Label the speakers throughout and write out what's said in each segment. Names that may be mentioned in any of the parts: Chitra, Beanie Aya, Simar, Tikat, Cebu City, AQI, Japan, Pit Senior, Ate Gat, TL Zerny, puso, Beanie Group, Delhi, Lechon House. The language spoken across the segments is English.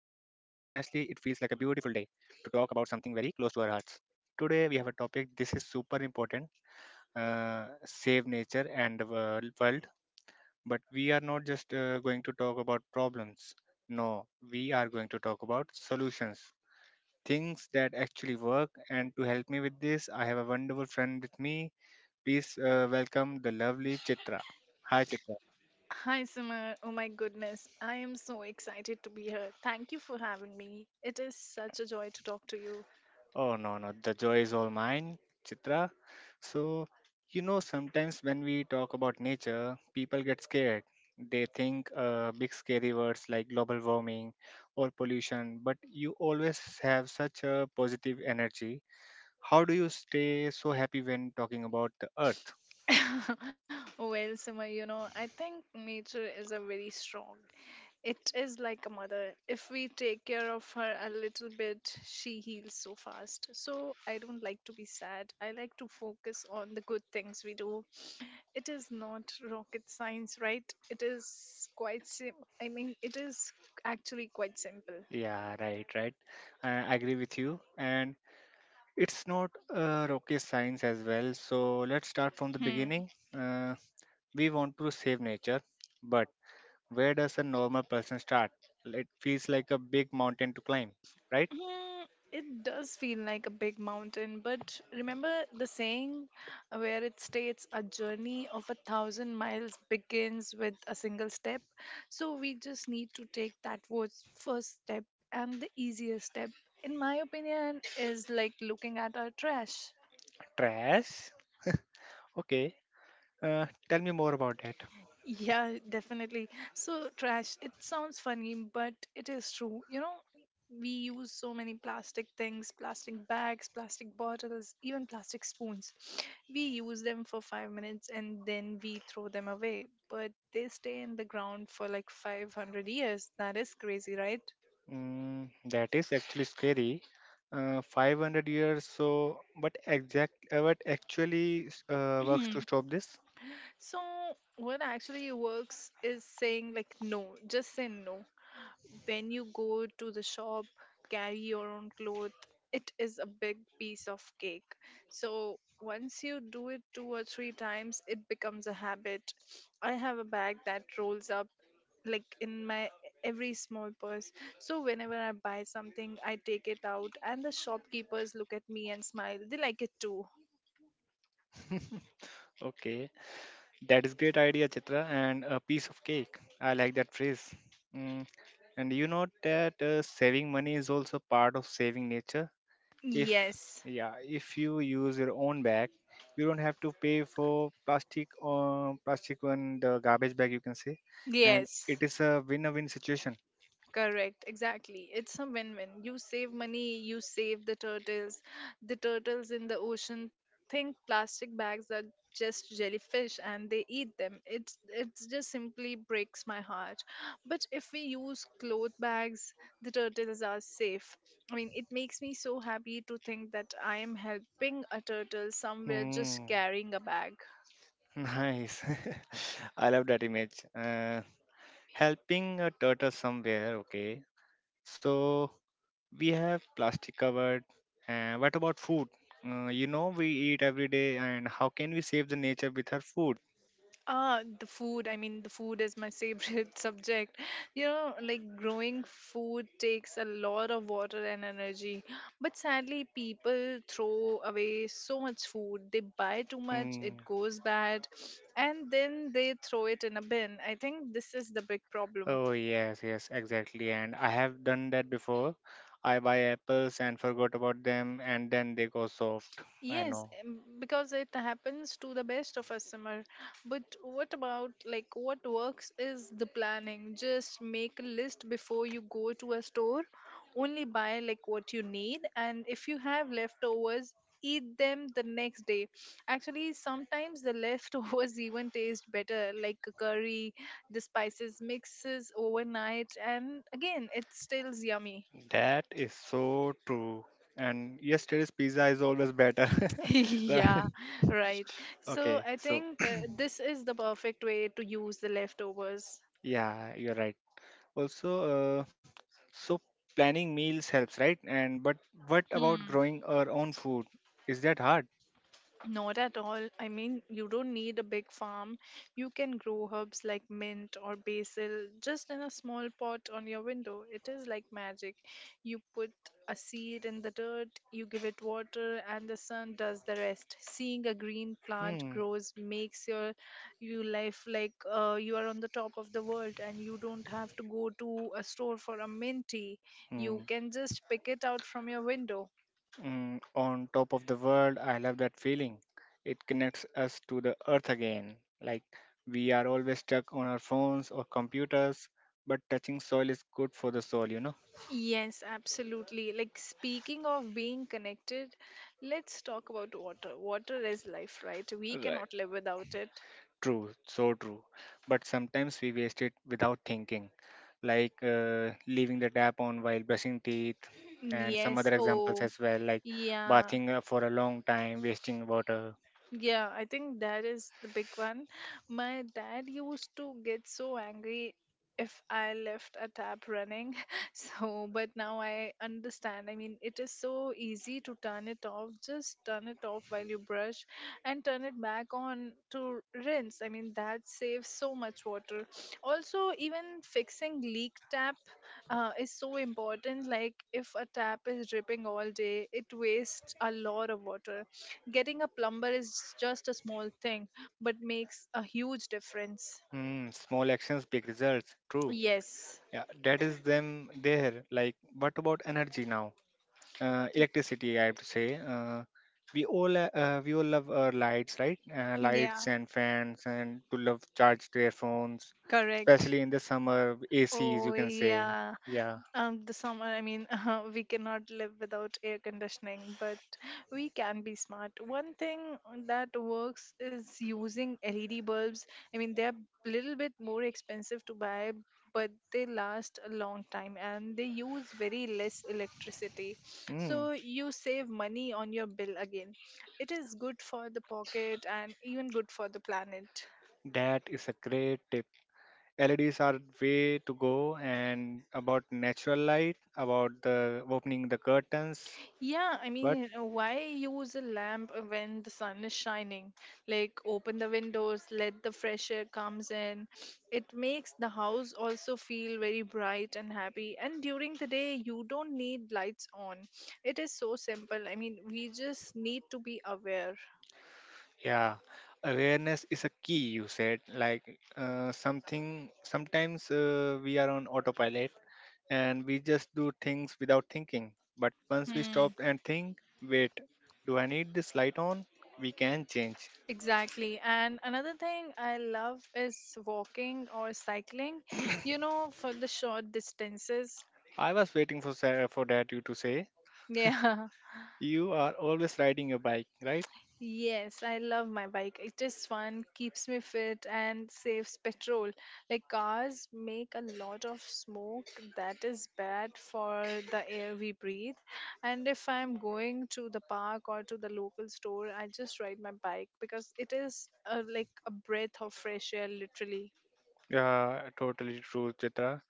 Speaker 1: day to talk about something very close to our hearts. Today, we have a topic. This is super important, save nature and the world. But we are not just going to talk about problems. No, we are going to talk about solutions, things that actually work. And to help me with this, I have a wonderful friend with me. Please welcome the lovely Chitra. Hi, Chitra.
Speaker 2: Hi, Summer. Oh my goodness. I am so excited to be here. Thank you for having me. It is such a joy to talk to you.
Speaker 1: Oh, no, no, the joy is all mine, Chitra. So, sometimes when we talk about nature, people get scared. They think, big scary words like global warming or pollution, but you always have such a positive energy. How do you stay so happy when talking about the earth?
Speaker 2: Well, Summer, I think nature is a very strong. It is like a mother. If we take care of her a little bit, she heals so fast. So I don't like to be sad. I like to focus on the good things we do. It is not rocket science, right? It is actually quite simple.
Speaker 1: Yeah, right, right. I agree with you. And it's not rocket science as well. So let's start from the
Speaker 2: Hmm.
Speaker 1: beginning. Uh, we want to save nature, but where does a normal person start? It feels like a big mountain to climb, right?
Speaker 2: Mm, It does feel like a big mountain, but remember the saying where it states a journey of a thousand miles begins with a single step. So we just need to take that first step, and the easiest step, in my opinion, is like looking at our trash.
Speaker 1: Trash? Okay. Tell me more about that.
Speaker 2: Yeah, definitely. So, trash, it sounds funny, but it is true. We use so many plastic things, plastic bags, plastic bottles, even plastic spoons. We use them for 5 minutes and then we throw them away, but they stay in the ground for like 500 years. That is crazy, right?
Speaker 1: Mm, that is actually scary. 500 years. So, but exact? What actually works to stop this?
Speaker 2: So, what actually works is saying, like, no, just say no. When you go to the shop, carry your own cloth. It is a big piece of cake. So once you do it two or three times, it becomes a habit. I have a bag that rolls up, like in my every small purse. So whenever I buy something, I take it out, and the shopkeepers look at me and smile. They like it too.
Speaker 1: Okay. That is great idea, Chitra, and a piece of cake. I like that phrase. Mm. And you know that saving money is also part of saving nature. If
Speaker 2: Yes,
Speaker 1: yeah, if you use your own bag, you don't have to pay for plastic or plastic one the garbage bag you can say, and
Speaker 2: yes.
Speaker 1: it is a win-win situation.
Speaker 2: Correct, exactly. It's a win win. You save money, you save the turtles. The turtles in the ocean think plastic bags are just jellyfish and they eat them. It's just simply breaks my heart. But if we use cloth bags, the turtles are safe. I mean, it makes me so happy to think that I am helping a turtle somewhere just
Speaker 1: Mm.
Speaker 2: carrying a bag.
Speaker 1: Nice. I love that image. Uh, helping a turtle somewhere. Okay, so we have plastic covered. What about food? We eat every day, and how can we save the nature with our food?
Speaker 2: Ah, the food. I mean, the food is my favorite subject. Like growing food takes a lot of water and energy. But sadly, people throw away so much food. They buy too much, it
Speaker 1: Mm.
Speaker 2: goes bad, and then they throw it in a bin. I think this is the big problem.
Speaker 1: Oh, yes, yes, exactly. And I have done that before. I buy apples and forgot about them, and then they go soft. I
Speaker 2: Yes,
Speaker 1: know.
Speaker 2: because it happens to the best of us, Samar. But what about, like, what works is the planning? Just make a list before you go to a store. Only buy, like, what you need, and if you have leftovers, eat them the next day. Actually, sometimes the leftovers even taste better, like a curry, the spices mixes overnight, and again, it still yummy.
Speaker 1: That is so true. And yesterday's pizza is always better. Right?
Speaker 2: Yeah, right. So
Speaker 1: Okay,
Speaker 2: I
Speaker 1: so
Speaker 2: think this is the perfect way to use the leftovers.
Speaker 1: yeah, you're right. Also, so planning meals helps, right? And but what about
Speaker 2: Hmm.
Speaker 1: growing our own food? Is that hard?
Speaker 2: Not at all. I mean, you don't need a big farm. You can grow herbs like mint or basil just in a small pot on your window. It is like magic. You put a seed in the dirt, you give it water, and the sun does the rest. Seeing a green plant
Speaker 1: Hmm.
Speaker 2: grows makes your you life, like, you are on the top of the world, and you don't have to go to a store for a mint tea. You
Speaker 1: Hmm.
Speaker 2: can just pick it out from your window.
Speaker 1: Mm. On top of the world, I love that feeling. It connects us to the earth again. Like we are always stuck on our phones or computers, but touching soil is good for the soul, you know?
Speaker 2: Yes, absolutely. Like speaking of being connected, let's talk about water. Water is life, right? We
Speaker 1: Right.
Speaker 2: cannot live without it.
Speaker 1: True, so true. But sometimes we waste it without thinking, like leaving the tap on while brushing teeth, and some
Speaker 2: Yes.
Speaker 1: other examples
Speaker 2: Oh,
Speaker 1: as well, like
Speaker 2: yeah.
Speaker 1: bathing for a long time, wasting water.
Speaker 2: Yeah, I think that is the big one. My dad used to get so angry if I left a tap running. So, but now I understand. I mean, it is so easy to turn it off. Just turn it off while you brush and turn it back on to rinse. I mean, that saves so much water. Also, even fixing leak tap is so important. Like, if a tap is dripping all day, it wastes a lot of water. Getting a plumber is just a small thing, but makes a huge difference.
Speaker 1: Small actions, big results. True.
Speaker 2: Yes.
Speaker 1: Yeah, that is them there. Like, what about energy now? Electricity, I have to say, we all love our lights, right?
Speaker 2: Yeah,
Speaker 1: Lights and fans and to love charge their phones,
Speaker 2: correct.
Speaker 1: especially in the summer, ACs, you
Speaker 2: Oh
Speaker 1: can say.
Speaker 2: yeah,
Speaker 1: Yeah.
Speaker 2: the summer. I mean, we cannot live without air conditioning, but we can be smart. One thing that works is using LED bulbs. I mean, they're a little bit more expensive to buy, but they last a long time and they use very less electricity.
Speaker 1: mm,
Speaker 2: So you save money on your bill again. It is good for the pocket and even good for the planet.
Speaker 1: that is a great tip. LEDs are way to go, and about natural light, about the opening the curtains.
Speaker 2: Yeah, I mean, why use a lamp when the sun is shining? Like, open the windows, let the fresh air comes in. It makes the house also feel very bright and happy. And during the day, you don't need lights on. It is so simple. I mean, we just need to be aware.
Speaker 1: Yeah, awareness is a key, you said. Like sometimes we are on autopilot, and we just do things without thinking. But once we stop
Speaker 2: Hmm,
Speaker 1: and think, wait, do I need this light on? We can change.
Speaker 2: exactly. And another thing I love is walking or cycling, for the short distances.
Speaker 1: I was waiting for Sarah for that you to say.
Speaker 2: Yeah,
Speaker 1: You are always riding your bike, right?
Speaker 2: yes, I love my bike. It is fun, keeps me fit, and saves petrol. Like cars make a lot of smoke that is bad for the air we breathe. And if I'm going to the park or to the local store, I just ride my bike because it is like a breath of fresh air, literally.
Speaker 1: Yeah, totally true, Chitra.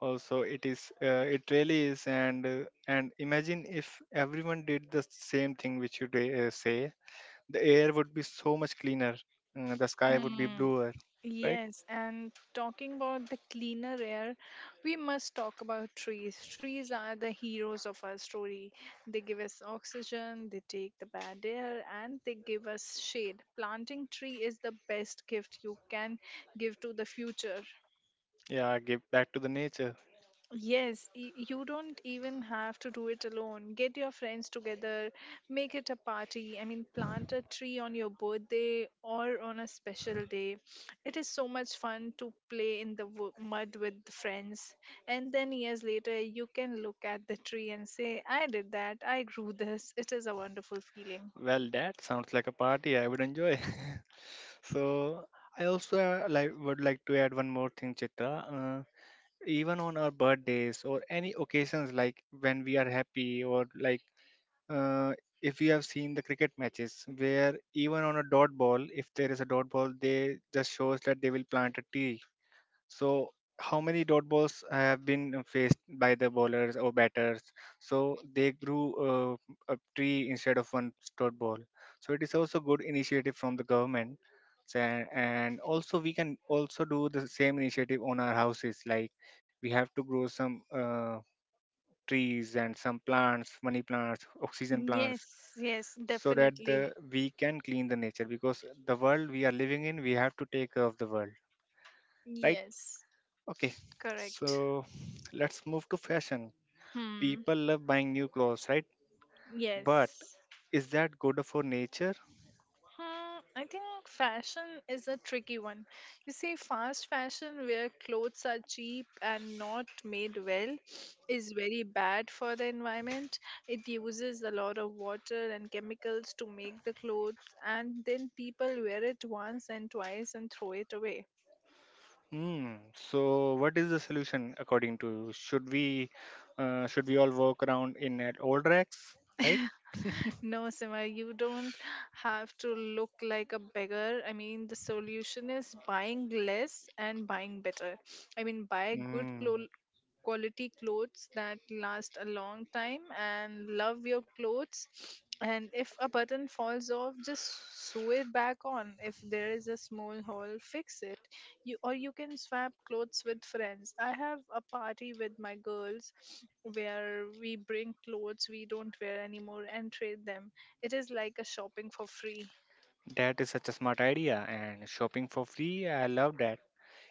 Speaker 1: Also, it really is. And imagine if everyone did the same thing which you did, say the air would be so much cleaner, the sky would be bluer, right?
Speaker 2: Yes, and talking about the cleaner air, we must talk about trees. Trees are the heroes of our story. They give us oxygen, they take the bad air, and they give us shade. Planting tree is the best gift you can give to the future.
Speaker 1: Yeah, give back to the nature.
Speaker 2: Yes, you don't even have to do it alone. Get your friends together, make it a party. I mean, plant a tree on your birthday or on a special day. It is so much fun to play in the mud with friends. And then years later, you can look at the tree and say, I did that, I grew this. It is a wonderful feeling.
Speaker 1: Well, that sounds like a party I would enjoy. So I also, like would like to add one more thing, Chitra. uh, Even on our birthdays or any occasions, like when we are happy, or like uh, if you have seen the cricket matches where even on a dot ball, if there is a dot ball, they just shows that they will plant a tree. So, how many dot balls have been faced by the bowlers or batters? So they grew a tree instead of one dot ball. So it is also good initiative from the government. So, and also we can also do the same initiative on our houses. Like we have to grow some trees and some plants, money plants, oxygen plants,
Speaker 2: Yes, yes,
Speaker 1: so that
Speaker 2: definitely.
Speaker 1: the we can clean the nature. Because the world we are living in, we have to take care of the world, right?
Speaker 2: Yes,
Speaker 1: Okay,
Speaker 2: correct.
Speaker 1: so let's move to fashion.
Speaker 2: Hmm,
Speaker 1: People love buying new clothes, right? But
Speaker 2: yes.
Speaker 1: is that good for nature?
Speaker 2: I think fashion is a tricky one. You see, fast fashion where clothes are cheap and not made well is very bad for the environment. It uses a lot of water and chemicals to make the clothes, and then people wear it once and twice and throw it away.
Speaker 1: Hmm. So what is the solution according to you? Should we all walk around in at old rags, right?
Speaker 2: No, Sima, you don't have to look like a beggar. I mean, the solution is buying less and buying better. I mean, buy good
Speaker 1: Hmm.
Speaker 2: quality clothes that last a long time and love your clothes. And if a button falls off, just sew it back on. If there is a small hole, fix it, you, or you can swap clothes with friends. I have a party with my girls where we bring clothes we don't wear anymore and trade them. It is like a shopping for free.
Speaker 1: That is such a smart idea, and shopping for free. I love that.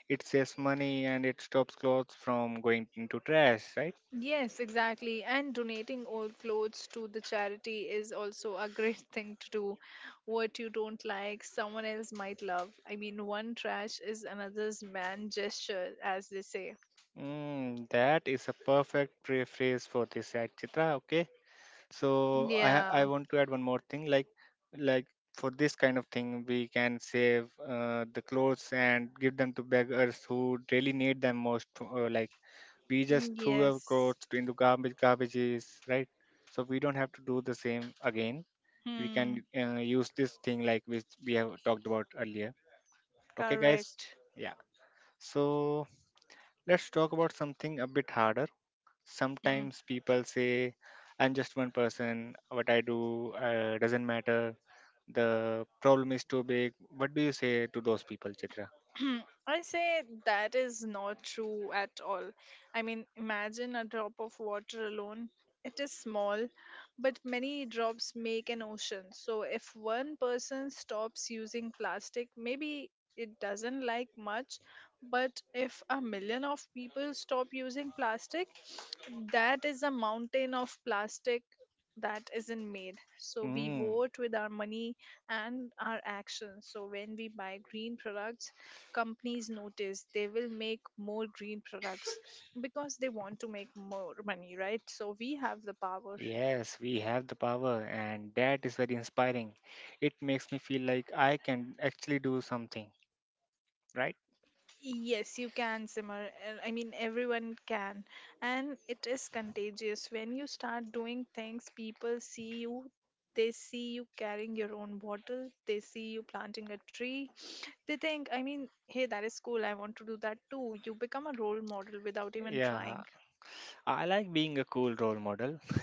Speaker 1: It saves money and it stops clothes from going into trash, right?
Speaker 2: Yes, exactly. And donating old clothes to the charity is also a great thing to do. What you don't like, someone else might love. I mean, one trash is another's man gesture, as they say.
Speaker 1: That is a perfect phrase for this, right, Chitra. Okay. So I
Speaker 2: Yeah,
Speaker 1: want to add one more thing, like for this kind of thing we can save the clothes and give them to beggars who really need them most, like we just threw our
Speaker 2: yes,
Speaker 1: clothes into garbage garbages, right? So we don't have to do the same again. We can
Speaker 2: hmm,
Speaker 1: use this thing like which we have talked about earlier. Okay, guys.
Speaker 2: correct.
Speaker 1: Yeah. So let's talk about something a bit harder.
Speaker 2: Hmm.
Speaker 1: Sometimes people say, I'm just one person, what I do doesn't matter, the problem is too big. What do you say to those people, Chitra?
Speaker 2: I say that is not true at all. I mean, imagine a drop of water alone. It is small, but many drops make an ocean. So, if one person stops using plastic, maybe it doesn't like much. But if a million of people stop using plastic, that is a mountain of plastic that isn't made. So we
Speaker 1: mm,
Speaker 2: vote with our money and our actions. So when we buy green products, companies notice they will make more green products because they want to make more money, right? So we have the power.
Speaker 1: yes, we have the power, and that is very inspiring. It makes me feel like I can actually do something, right?
Speaker 2: Yes, you can, Simmer. I mean, everyone can. And it is contagious. When you start doing things, people see you. They see you carrying your own bottle. They see you planting a tree. They think, I mean, hey, that is cool. I want to do that too. You become a role model without even
Speaker 1: Yeah,
Speaker 2: trying.
Speaker 1: I like being a cool role model.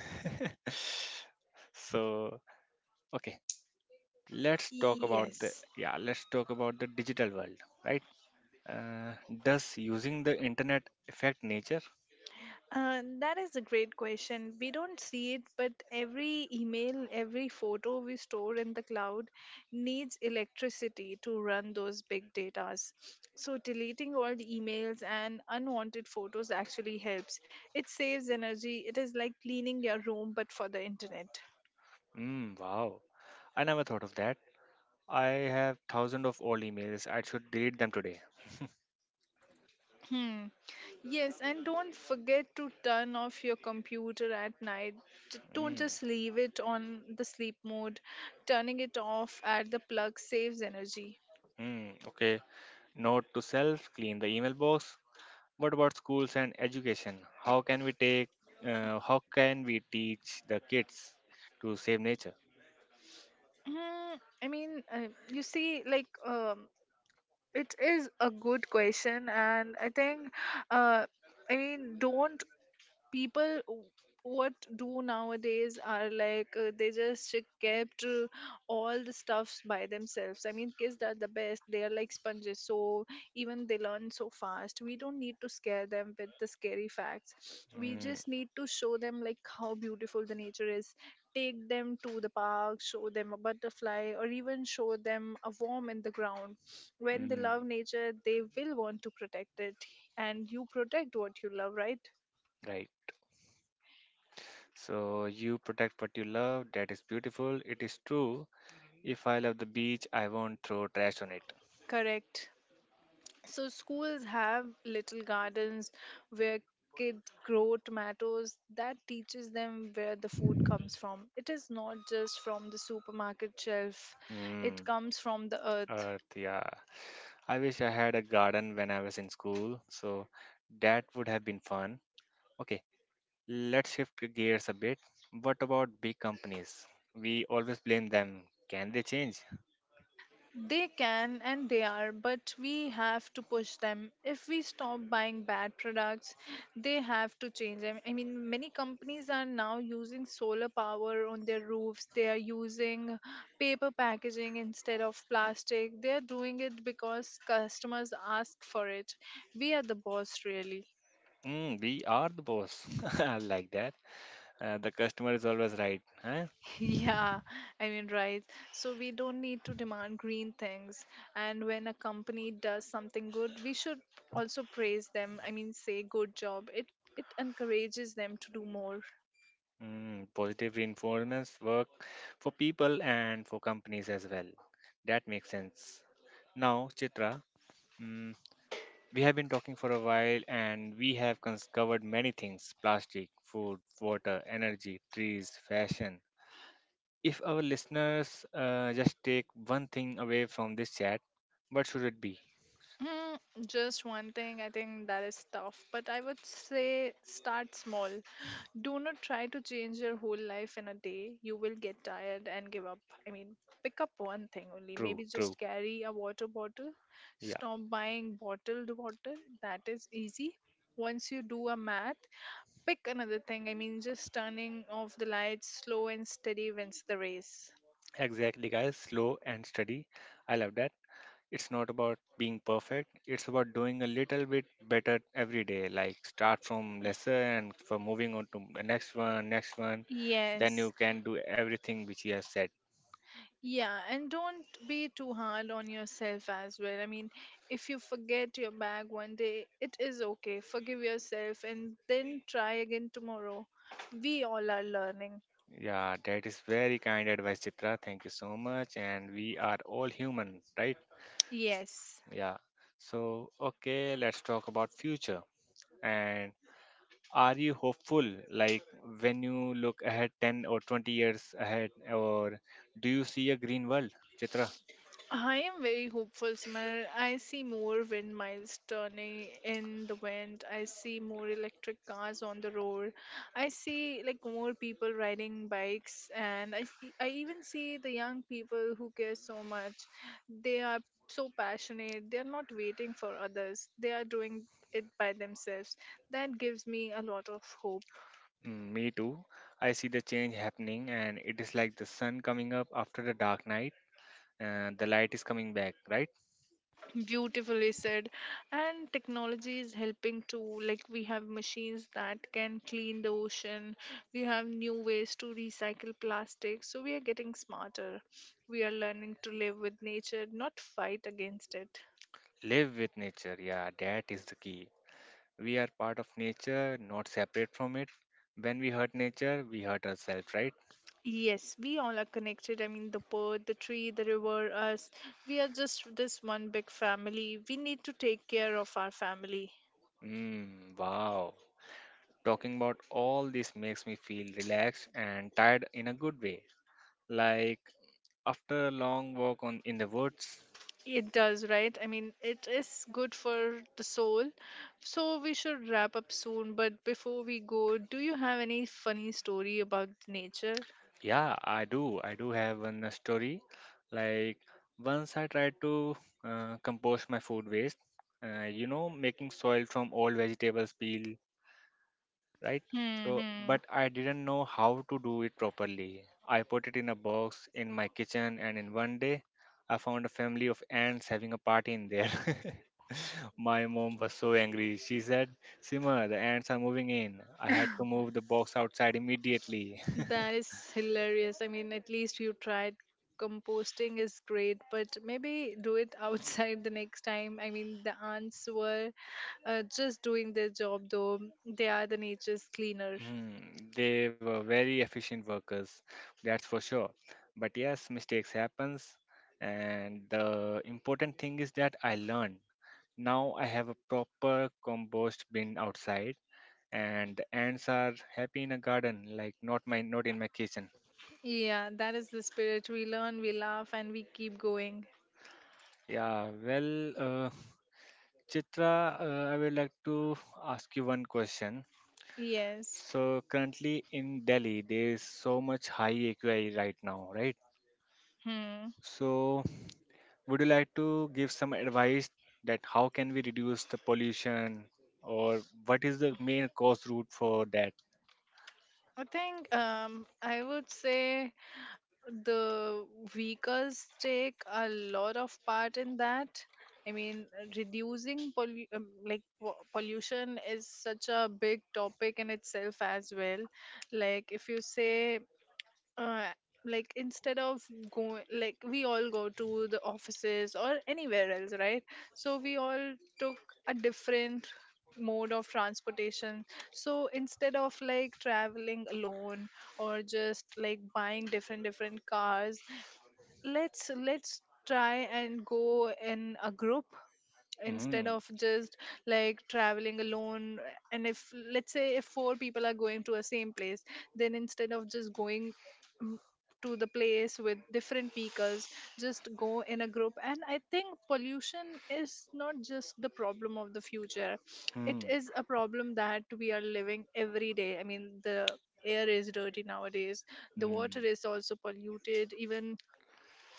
Speaker 1: So, okay. let's talk about the
Speaker 2: Yes.
Speaker 1: Yeah, let's talk about the digital world, right? Uh, does using the internet affect nature?
Speaker 2: That is a great question. We don't see it, but every email, every photo we store in the cloud needs electricity to run those big datas. So deleting all the emails and unwanted photos actually helps. It saves energy. It is like cleaning your room, but for the internet.
Speaker 1: Mm, wow, I never thought of that. I have thousands of old emails. I should delete them today.
Speaker 2: Hmm. Yes, and don't forget to turn off your computer at night. Don't
Speaker 1: Mm,
Speaker 2: just leave it on the sleep mode. Turning it off at the plug saves energy.
Speaker 1: mm, okay, note to self: clean the email box. What about schools and education? How can we take? How can we teach the kids to save nature?
Speaker 2: Mm, I mean, you see, like, it is a good question, and I think, uh, I mean, don't people w- what do nowadays are like they just kept all the stuffs by themselves. I mean, kids are the best. They are like sponges, so even they learn so fast. We don't need to scare them with the scary facts, we
Speaker 1: Mm,
Speaker 2: just need to show them like how beautiful the nature is. Take them to the park, show them a butterfly or even show them a worm in the ground. When they
Speaker 1: mm,
Speaker 2: love nature, they will want to protect it. And you protect what you love, right?
Speaker 1: right. So you protect what you love. That is beautiful. It is true. If I love the beach, I won't throw trash on it.
Speaker 2: Correct. So schools have little gardens where kids grow tomatoes, that teaches them where the food comes from. It is not just from the supermarket shelf.
Speaker 1: Hmm.
Speaker 2: It comes from the earth.
Speaker 1: Yeah, I wish I had a garden when I was in school, so that would have been fun. Okay, let's shift the gears a bit. What about big companies? We always blame them. Can they change?
Speaker 2: They can and they are, but we have to push them. If we stop buying bad products, they have to change them. I mean, many companies are now using solar power on their roofs. They are using paper packaging instead of plastic. They are doing it because customers ask for it. We are the boss, really.
Speaker 1: Mm, we are the boss. I like that. The customer is always right. Huh?
Speaker 2: Yeah, I mean, right. So we don't need to demand green things. And when a company does something good, we should also praise them. I mean, say good job. It encourages them to do more.
Speaker 1: Positive reinforcements work for people and for companies as well. That makes sense. Now, Chitra, hmm, We have been talking for a while, and we have covered many things: plastic, food, water, energy, trees, fashion. If our listeners just take one thing away from this chat, what should it be?
Speaker 2: Mm, just one thing, I think that is tough, but I would say start small. Do not try to change your whole life in a day. You will get tired and give up. I mean, pick up one thing only.
Speaker 1: True,
Speaker 2: Maybe
Speaker 1: true.
Speaker 2: just carry a water bottle.
Speaker 1: Yeah,
Speaker 2: Stop buying bottled water. That is easy. Once you do a math, pick another thing. I mean, just turning off the lights, slow and steady wins the race.
Speaker 1: exactly, guys. Slow and steady. I love that. It's not about being perfect, it's about doing a little bit better every day. Like start from lesser and for moving on to the next one, next one. Then you
Speaker 2: Yes.
Speaker 1: can do everything which you have said.
Speaker 2: Yeah, and don't be too hard on yourself as well. I mean, if you forget your bag one day, it is okay. Forgive yourself and then try again tomorrow. We all are learning.
Speaker 1: Yeah, that is very kind advice, Chitra. Thank you so much. And we are all human, right? S-
Speaker 2: Yes.
Speaker 1: Yeah. So, okay, let's talk about future. And are you hopeful? Like when you look ahead 10 or 20 years ahead, or do you see a green world, Chitra?
Speaker 2: I am very hopeful, Smar. I see more wind miles turning in the wind. I see more electric cars on the road. I see like more people riding bikes, and I see, I even see the young people who care so much. They are so passionate. They are not waiting for others. They are doing it by themselves. That gives me a lot of hope.
Speaker 1: Mm, me too. I see the change happening, and it is like the sun coming up after the dark night, and the light is coming back, right?
Speaker 2: Beautifully said. And technology is helping too, like we have machines that can clean the ocean. We have new ways to recycle plastic, so we are getting smarter. We are learning to live with nature, not fight against it.
Speaker 1: Live with nature. Yeah, that is the key. We are part of nature, not separate from it. When we hurt nature, we hurt ourselves, right?
Speaker 2: Yes, we all are connected. I mean, the bird, the tree, the river, us. We are just this one big family. We need to take care of our family.
Speaker 1: Mmm, wow. Talking about all this makes me feel relaxed and tired in a good way. Like after a long walk on in the woods.
Speaker 2: It does, right? I mean, it is good for the soul. So we should wrap up soon. But before we go, do you have any funny story about nature?
Speaker 1: Yeah, I do. I do have one story. Like once I tried to compost my food waste. Making soil from old vegetables peel, right?
Speaker 2: Hmm.
Speaker 1: So,
Speaker 2: Hmm.
Speaker 1: but I didn't know how to do it properly. I put it in a box in my kitchen, and in one day, I found a family of ants having a party in there. My mom was so angry. She said, Sima, the ants are moving in. I had to move the box outside immediately.
Speaker 2: That is hilarious. I mean, at least you tried. Composting is great, but maybe do it outside the next time. I mean, the ants were just doing their job, though. They are the nature's cleaner.
Speaker 1: Hmm, they were very efficient workers, that's for sure. But yes, mistakes happens, and the important thing is that I learned. Now I have a proper compost bin outside, and the ants are happy in a garden, like not in my kitchen.
Speaker 2: Yeah, that is the spirit. We learn, we laugh, and we keep going.
Speaker 1: Yeah, well, Chitra, I would like to ask you one question.
Speaker 2: Yes.
Speaker 1: So currently in Delhi, there is so much high AQI right now, right?
Speaker 2: Hmm.
Speaker 1: So would you like to give some advice that how can we reduce the pollution, or what is the main cause route for that?
Speaker 2: I think I would say the vehicles take a lot of part in that. I mean, reducing like pollution is such a big topic in itself as well. Like, if you say uh, like instead of going, like we all go to the offices or anywhere else, right? So we all took a different mode of transportation. So instead of like traveling alone or just like buying different different cars, let's try and go in a group
Speaker 1: Mm-hmm.
Speaker 2: instead of just like traveling alone. And if let's say if four people are going to a same place, then instead of just going mm, to the place with different vehicles, just go in a group. And I think pollution is not just the problem of the future. It
Speaker 1: Hmm.
Speaker 2: is a problem that we are living every day. I mean, the air is dirty nowadays. The water
Speaker 1: Hmm.
Speaker 2: is also polluted. Even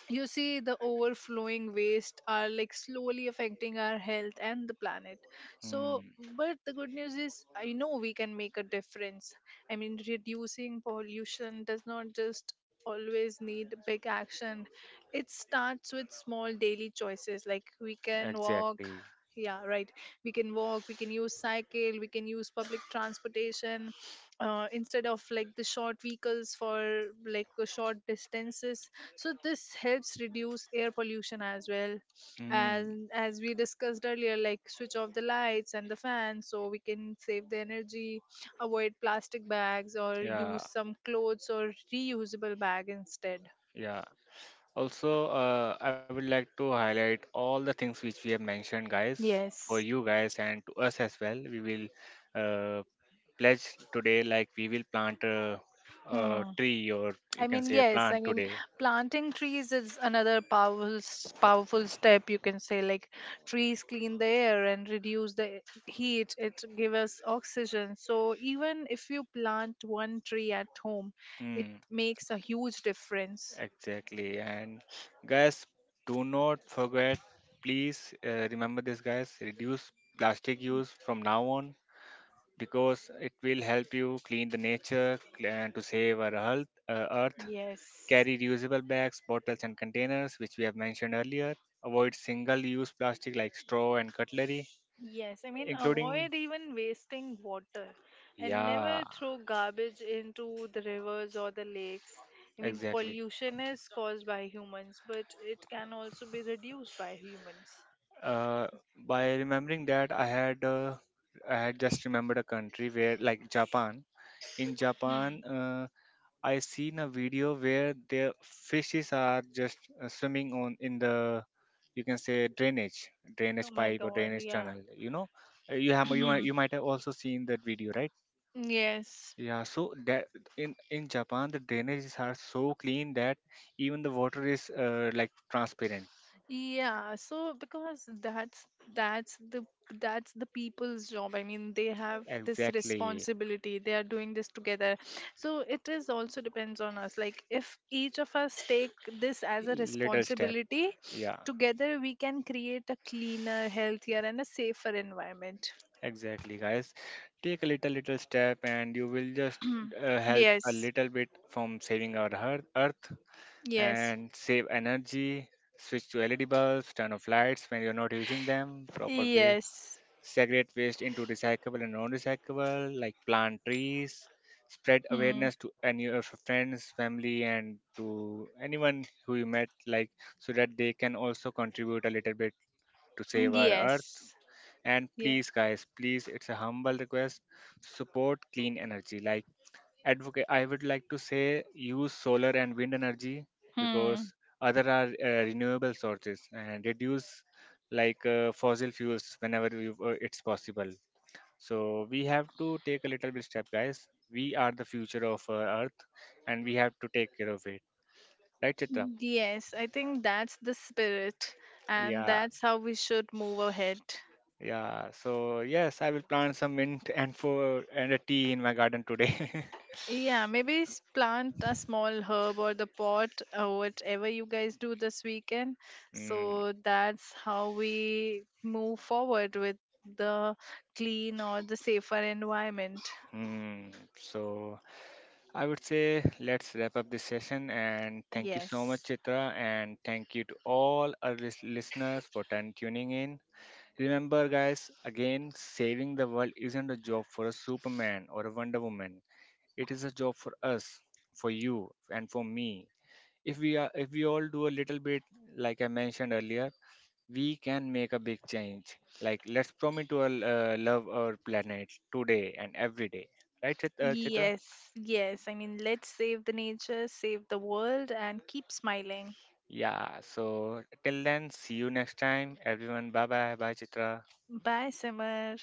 Speaker 2: you see the overflowing waste are like slowly affecting our health and the planet, so.
Speaker 1: Hmm.
Speaker 2: But the good news is I know we can make a difference. I mean, reducing pollution does not just always need big action. It starts with small daily choices, like we can
Speaker 1: Exactly.
Speaker 2: walk. Yeah, right. We can walk, we can use cycle, we can use public transportation instead of like the short vehicles for like short distances. So this helps reduce air pollution as well.
Speaker 1: Mm,
Speaker 2: And as we discussed earlier, like switch off the lights and the fans so we can save the energy. Avoid plastic bags or
Speaker 1: yeah,
Speaker 2: use some clothes or reusable bag instead.
Speaker 1: yeah. Also, I would like to highlight all the things which we have mentioned, guys, for
Speaker 2: Yes.
Speaker 1: you guys and to us as well. We will uh, pledge today, like we will plant a
Speaker 2: Hmm.
Speaker 1: tree or
Speaker 2: I
Speaker 1: you can
Speaker 2: mean,
Speaker 1: say a
Speaker 2: yes. I
Speaker 1: plant
Speaker 2: mean,
Speaker 1: today.
Speaker 2: planting trees is another powerful, powerful step. You can say like trees clean the air and reduce the heat. It give us oxygen. So even if you plant one tree at home, it
Speaker 1: Mm,
Speaker 2: makes a huge difference.
Speaker 1: exactly. And guys, do not forget, please remember this, guys, reduce plastic use from now on because it will help you clean the nature and to save our health, earth.
Speaker 2: Yes.
Speaker 1: Carry reusable bags, bottles, and containers, which we have mentioned earlier. Avoid single use plastic like straw and cutlery,
Speaker 2: Yes, I mean,
Speaker 1: including.
Speaker 2: avoid even wasting water and
Speaker 1: Yeah,
Speaker 2: never throw garbage into the rivers or the lakes. I mean,
Speaker 1: exactly.
Speaker 2: pollution is caused by humans, but it can also be reduced by humans.
Speaker 1: Uh, by remembering that, I had. I had just remembered a country where, like Japan. In
Speaker 2: Hmm.
Speaker 1: Japan, I seen a video where their fishes are just swimming on in the you can say drainage
Speaker 2: Oh
Speaker 1: drainage
Speaker 2: my
Speaker 1: pipe or
Speaker 2: God,
Speaker 1: drainage
Speaker 2: yeah.
Speaker 1: tunnel, you know. You have you might have also seen that video, right?
Speaker 2: Yes.
Speaker 1: Yeah, so that in japan the drainages are so clean that even the water is like transparent.
Speaker 2: Yeah, so because that's the that's the people's job. I mean, they have this
Speaker 1: Exactly.
Speaker 2: responsibility. They are doing this together. So it is also depends on us. Like if each of us take this as a
Speaker 1: Little step.
Speaker 2: responsibility,
Speaker 1: Yeah,
Speaker 2: together we can create a cleaner, healthier and a safer environment.
Speaker 1: exactly, guys, take a little step and you will just help a
Speaker 2: Yes.
Speaker 1: little bit from saving our earth
Speaker 2: Yes.
Speaker 1: and save energy. Switch to led bulbs, turn off lights when you're not using them, proper way.
Speaker 2: Yes.
Speaker 1: Segregate waste into recyclable and non-recyclable, like plant trees, spread
Speaker 2: Hmm.
Speaker 1: awareness to any of your friends, family, and to anyone who you met, like, so that they can also contribute a little bit to save our earth.
Speaker 2: Yes.
Speaker 1: And
Speaker 2: Yeah.
Speaker 1: please, guys, please, it's a humble request: support clean energy. Like advocate, I would like to say use solar and wind energy, because
Speaker 2: Hmm.
Speaker 1: other are renewable sources, and reduce like fossil fuels whenever it's possible. So we have to take a little bit step, guys. We are the future of Earth, and we have to take care of it. Right, Chitra?
Speaker 2: Yes, I think that's the spirit, and
Speaker 1: Yeah,
Speaker 2: that's how we should move ahead.
Speaker 1: yeah. So yes, I will plant some mint and for and a tea in my garden today.
Speaker 2: Yeah, maybe plant a small herb or the pot or whatever you guys do this weekend.
Speaker 1: mm,
Speaker 2: So that's how we move forward with the clean or the safer environment.
Speaker 1: mm. So I would say let's wrap up this session, and thank you so much,
Speaker 2: Yes.
Speaker 1: Chitra, and thank you to all our listeners for tuning in. Remember, guys, again, saving the world isn't a job for a Superman or a Wonder Woman. It is a job for us, for you, and for me. If we all do a little bit, like I mentioned earlier, we can make a big change. Like let's promise to love our planet today and every day, right, Chitra?
Speaker 2: Yes, yes. I mean, let's save the nature, save the world, and keep smiling.
Speaker 1: Yeah. So till then, see you next time, everyone. Bye bye, Chitra.
Speaker 2: Bye, Simar.